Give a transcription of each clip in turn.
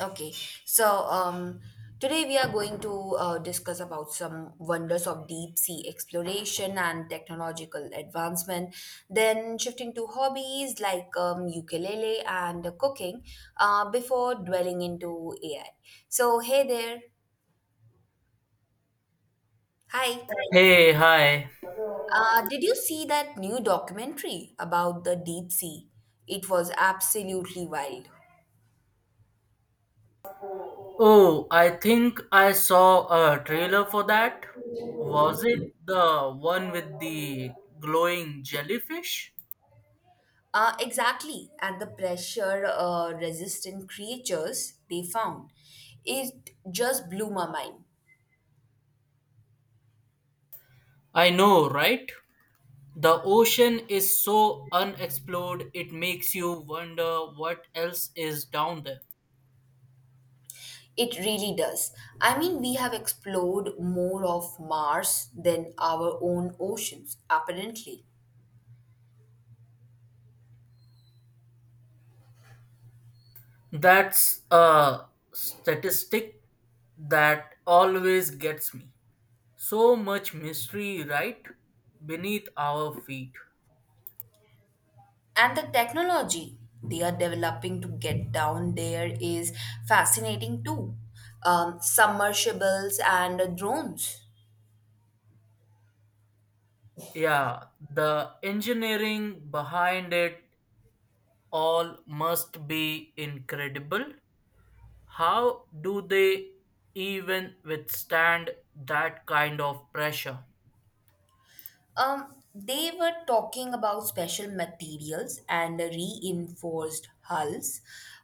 Okay, so um, today we are going to discuss about some wonders of deep sea exploration and technological advancement. Then shifting to hobbies like ukulele and cooking, before dwelling into AI. So hey there, hi. Hey, hi. Did you see that new documentary about the deep sea? It was absolutely wild. Oh, I think I saw a trailer for that. Was it the one with the glowing jellyfish? Exactly, and the pressure resistant creatures they found. It just blew my mind. I know, right? The ocean is so unexplored, it makes you wonder what else is down there. It really does. I mean, we have explored more of Mars than our own oceans, apparently. That's a statistic that always gets me. So much mystery right beneath our feet. And the technology they are developing to get down there is fascinating too. Submersibles and drones. Yeah, the engineering behind it all must be incredible. How do they even withstand that kind of pressure? Um, they were talking about special materials and reinforced hulls.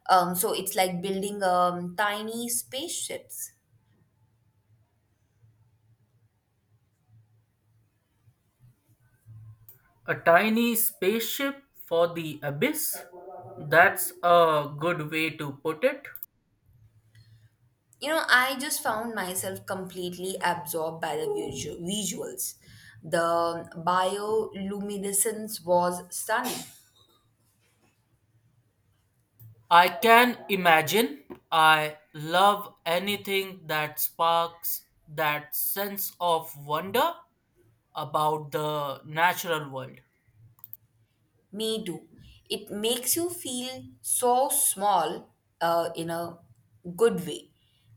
So it's like building tiny spaceships. A tiny spaceship for the abyss? That's a good way to put it. You know, I just found myself completely absorbed by the visuals. The bioluminescence was stunning. I can imagine. I love anything that sparks that sense of wonder about the natural world. Me too. It makes you feel so small in a good way.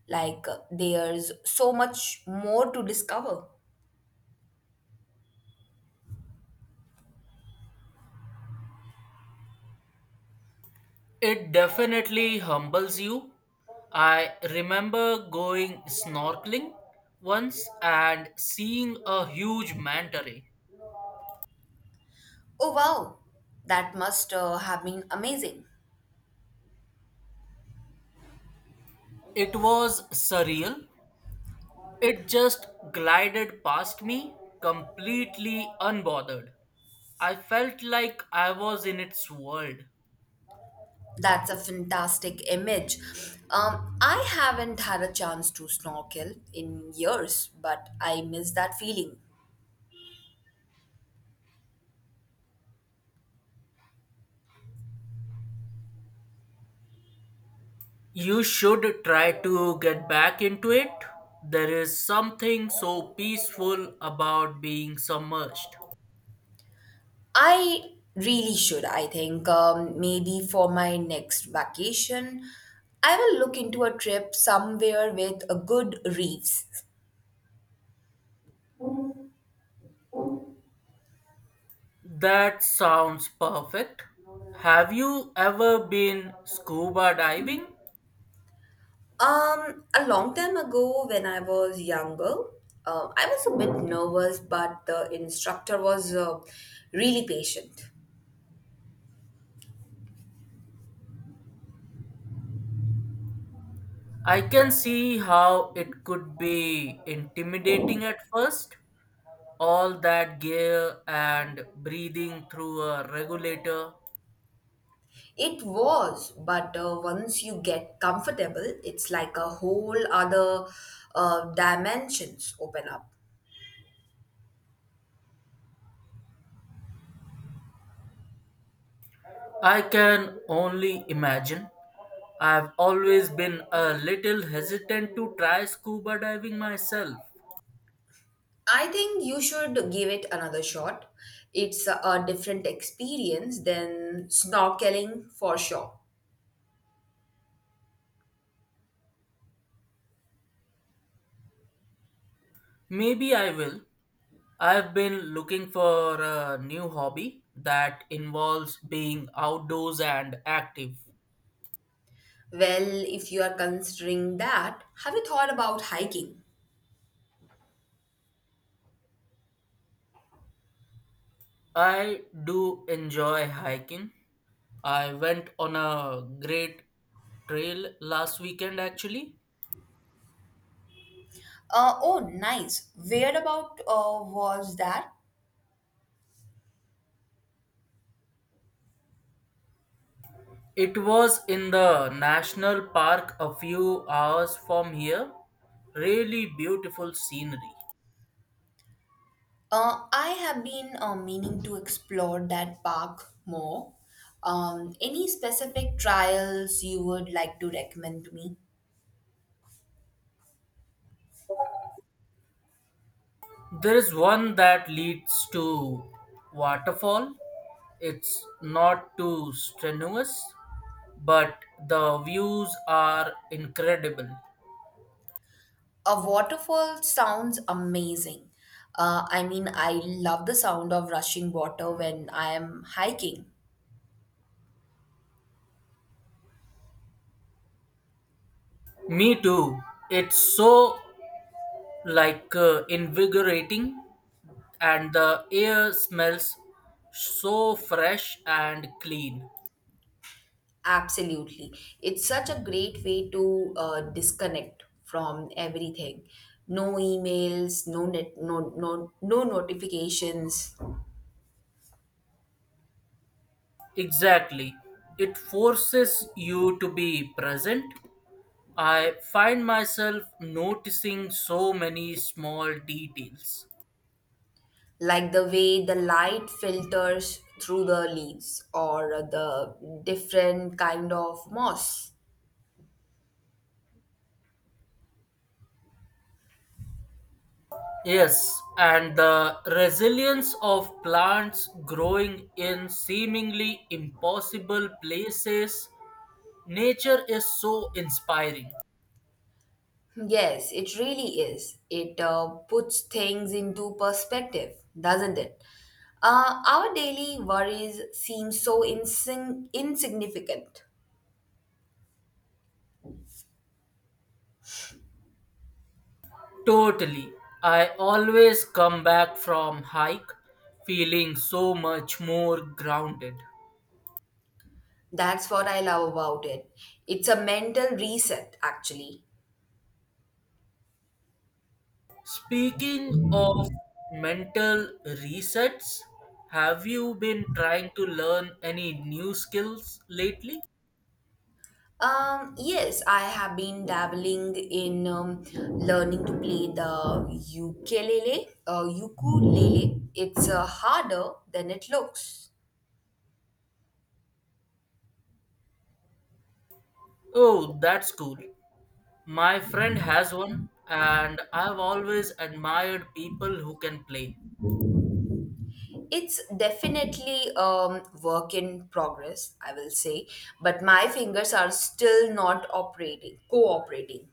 Like there's so much more to discover. It definitely humbles you. I remember going snorkeling once and seeing a huge manta ray. Oh wow, that must have been amazing. It was surreal. It just glided past me completely unbothered. I felt like I was in its world. That's a fantastic image. I haven't had a chance to snorkel in years, but I miss that feeling. You should try to get back into it. There is something so peaceful about being submerged. I really should, I think. Maybe for my next vacation, I will look into a trip somewhere with a good reefs. That sounds perfect. Have you ever been scuba diving? A long time ago, when I was younger, I was a bit nervous, but the instructor was really patient. I can see how it could be intimidating at first. All that gear and breathing through a regulator. It was, but once you get comfortable, it's like a whole other dimensions open up. I can only imagine. I've always been a little hesitant to try scuba diving myself. I think you should give it another shot. It's a different experience than snorkeling for sure. Maybe I will. I've been looking for a new hobby that involves being outdoors and active. Well, if you are considering that, have you thought about hiking? I do enjoy hiking. I went on a great trail last weekend actually. Oh, nice. Where about was that? It was in the national park a few hours from here. Really beautiful scenery. I have been meaning to explore that park more. Any specific trials you would like to recommend to me? There is one that leads to waterfall. It's not too strenuous, but the views are incredible. A waterfall sounds amazing. I mean, I love the sound of rushing water when I am hiking. Me too. It's so like invigorating, and the air smells so fresh and clean. Absolutely. It's such a great way to disconnect from everything. No emails, no net, no notifications. Exactly. It forces you to be present. I find myself noticing so many small details. Like the way the light filters through the leaves or the different kind of moss. Yes, and the resilience of plants growing in seemingly impossible places. Nature is so inspiring. Yes, it really is. It puts things into perspective, doesn't it? Our daily worries seem so insignificant. Totally. I always come back from hike feeling so much more grounded. That's what I love about it. It's a mental reset, actually. Speaking of mental resets, have you been trying to learn any new skills lately? Yes, I have been dabbling in learning to play the ukulele. It's harder than it looks. Oh, that's cool. My friend has one, and I've always admired people who can play. It's definitely work in progress, I will say, but my fingers are still not operating, cooperating.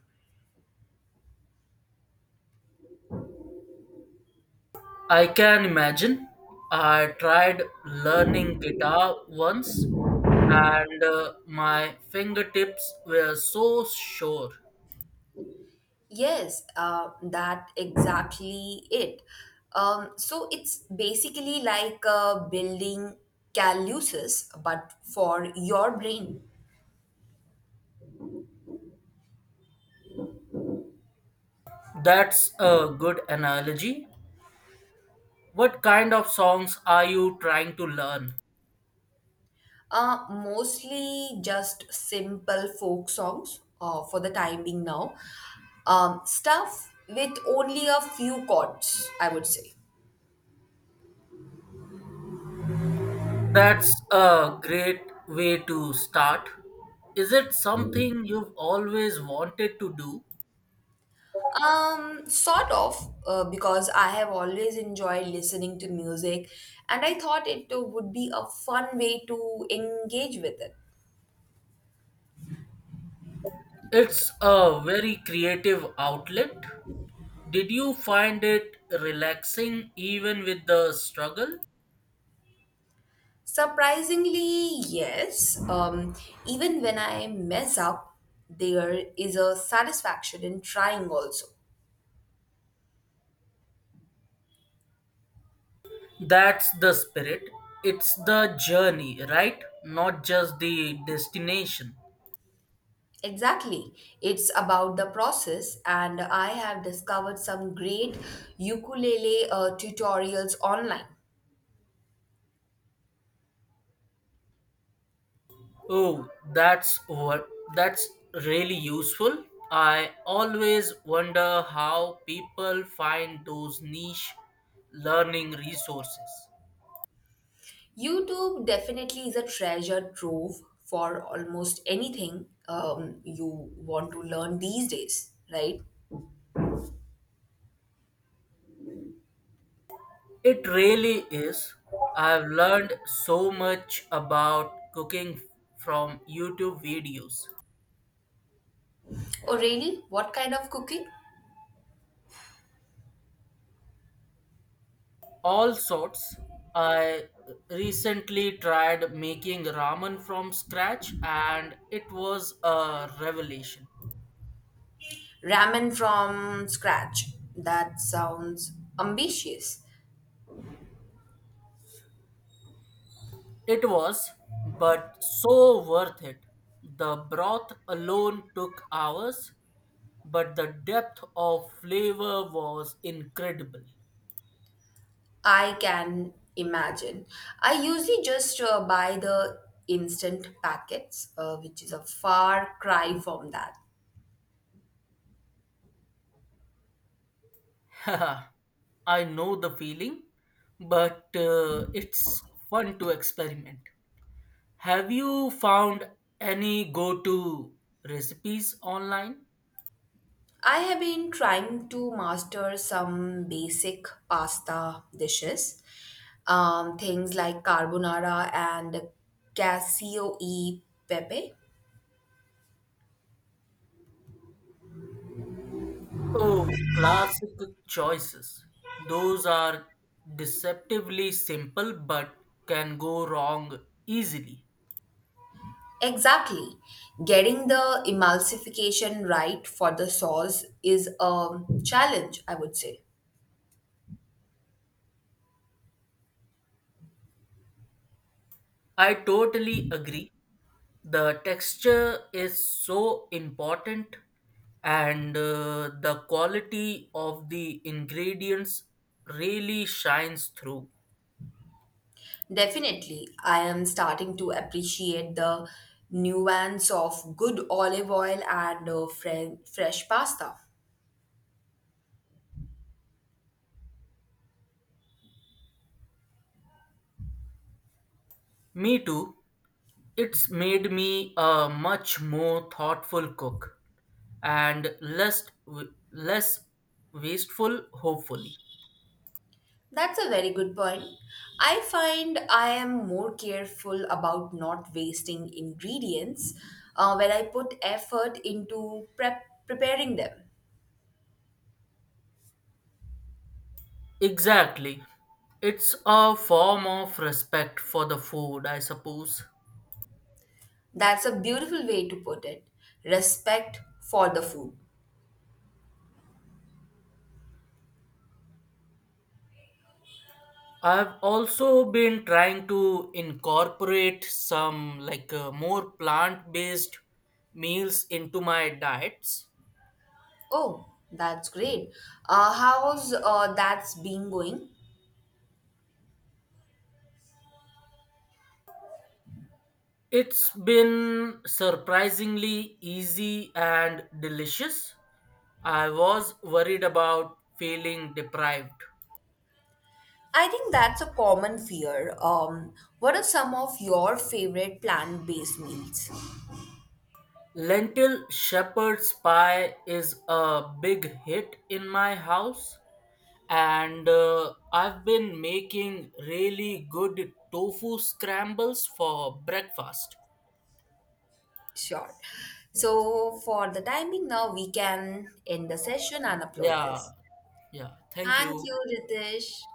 I can imagine. I tried learning guitar once, and my fingertips were so sore. Yes, that exactly it. So it's basically like building calluses, but for your brain. That's a good analogy. What kind of songs are you trying to learn? Mostly just simple folk songs for the time being now. Stuff with only a few chords, I would say. That's a great way to start. Is it something you've always wanted to do? Sort of, because I have always enjoyed listening to music and I thought it would be a fun way to engage with it. It's a very creative outlet. Did you find it relaxing even with the struggle? Surprisingly, yes. Even when I mess up, there is a satisfaction in trying also. That's the spirit. It's the journey, right? Not just the destination. Exactly. It's about the process, and I have discovered some great ukulele tutorials online. Oh, that's really useful. I always wonder how people find those niche learning resources. YouTube definitely is a treasure trove for almost anything you want to learn these days, right? It really is. I've learned so much about cooking from YouTube videos. Oh, really? What kind of cooking? All sorts. I recently tried making ramen from scratch, and it was a revelation. Ramen from scratch. That sounds ambitious. It was, but so worth it. The broth alone took hours, but the depth of flavor was incredible. I can imagine. I usually just buy the instant packets, which is a far cry from that. Haha, I know the feeling, but it's fun to experiment. Have you found any go to recipes online? I have been trying to master some basic pasta dishes, things like carbonara and cassio e pepe. Oh, classic choices. Those are deceptively simple but can go wrong easily. Exactly. Getting the emulsification right for the sauce is a challenge, I would say. I totally agree. The texture is so important, and the quality of the ingredients really shines through. Definitely, I am starting to appreciate the nuance of good olive oil and fresh pasta. Me too. It's made me a much more thoughtful cook and less wasteful, hopefully. That's a very good point. I find I am more careful about not wasting ingredients when I put effort into preparing them. Exactly. It's a form of respect for the food, I suppose. That's a beautiful way to put it. Respect for the food. I've also been trying to incorporate some like more plant-based meals into my diets. Oh, that's great. How's that's been going? It's been surprisingly easy and delicious. I was worried about feeling deprived. I think that's a common fear. What are some of your favorite plant-based meals? Lentil shepherd's pie is a big hit in my house, and I've been making really good tofu scrambles for breakfast. Sure. So for the timing now, we can end the session and upload Yeah, this. yeah. Thank Thank you. you, Ritesh.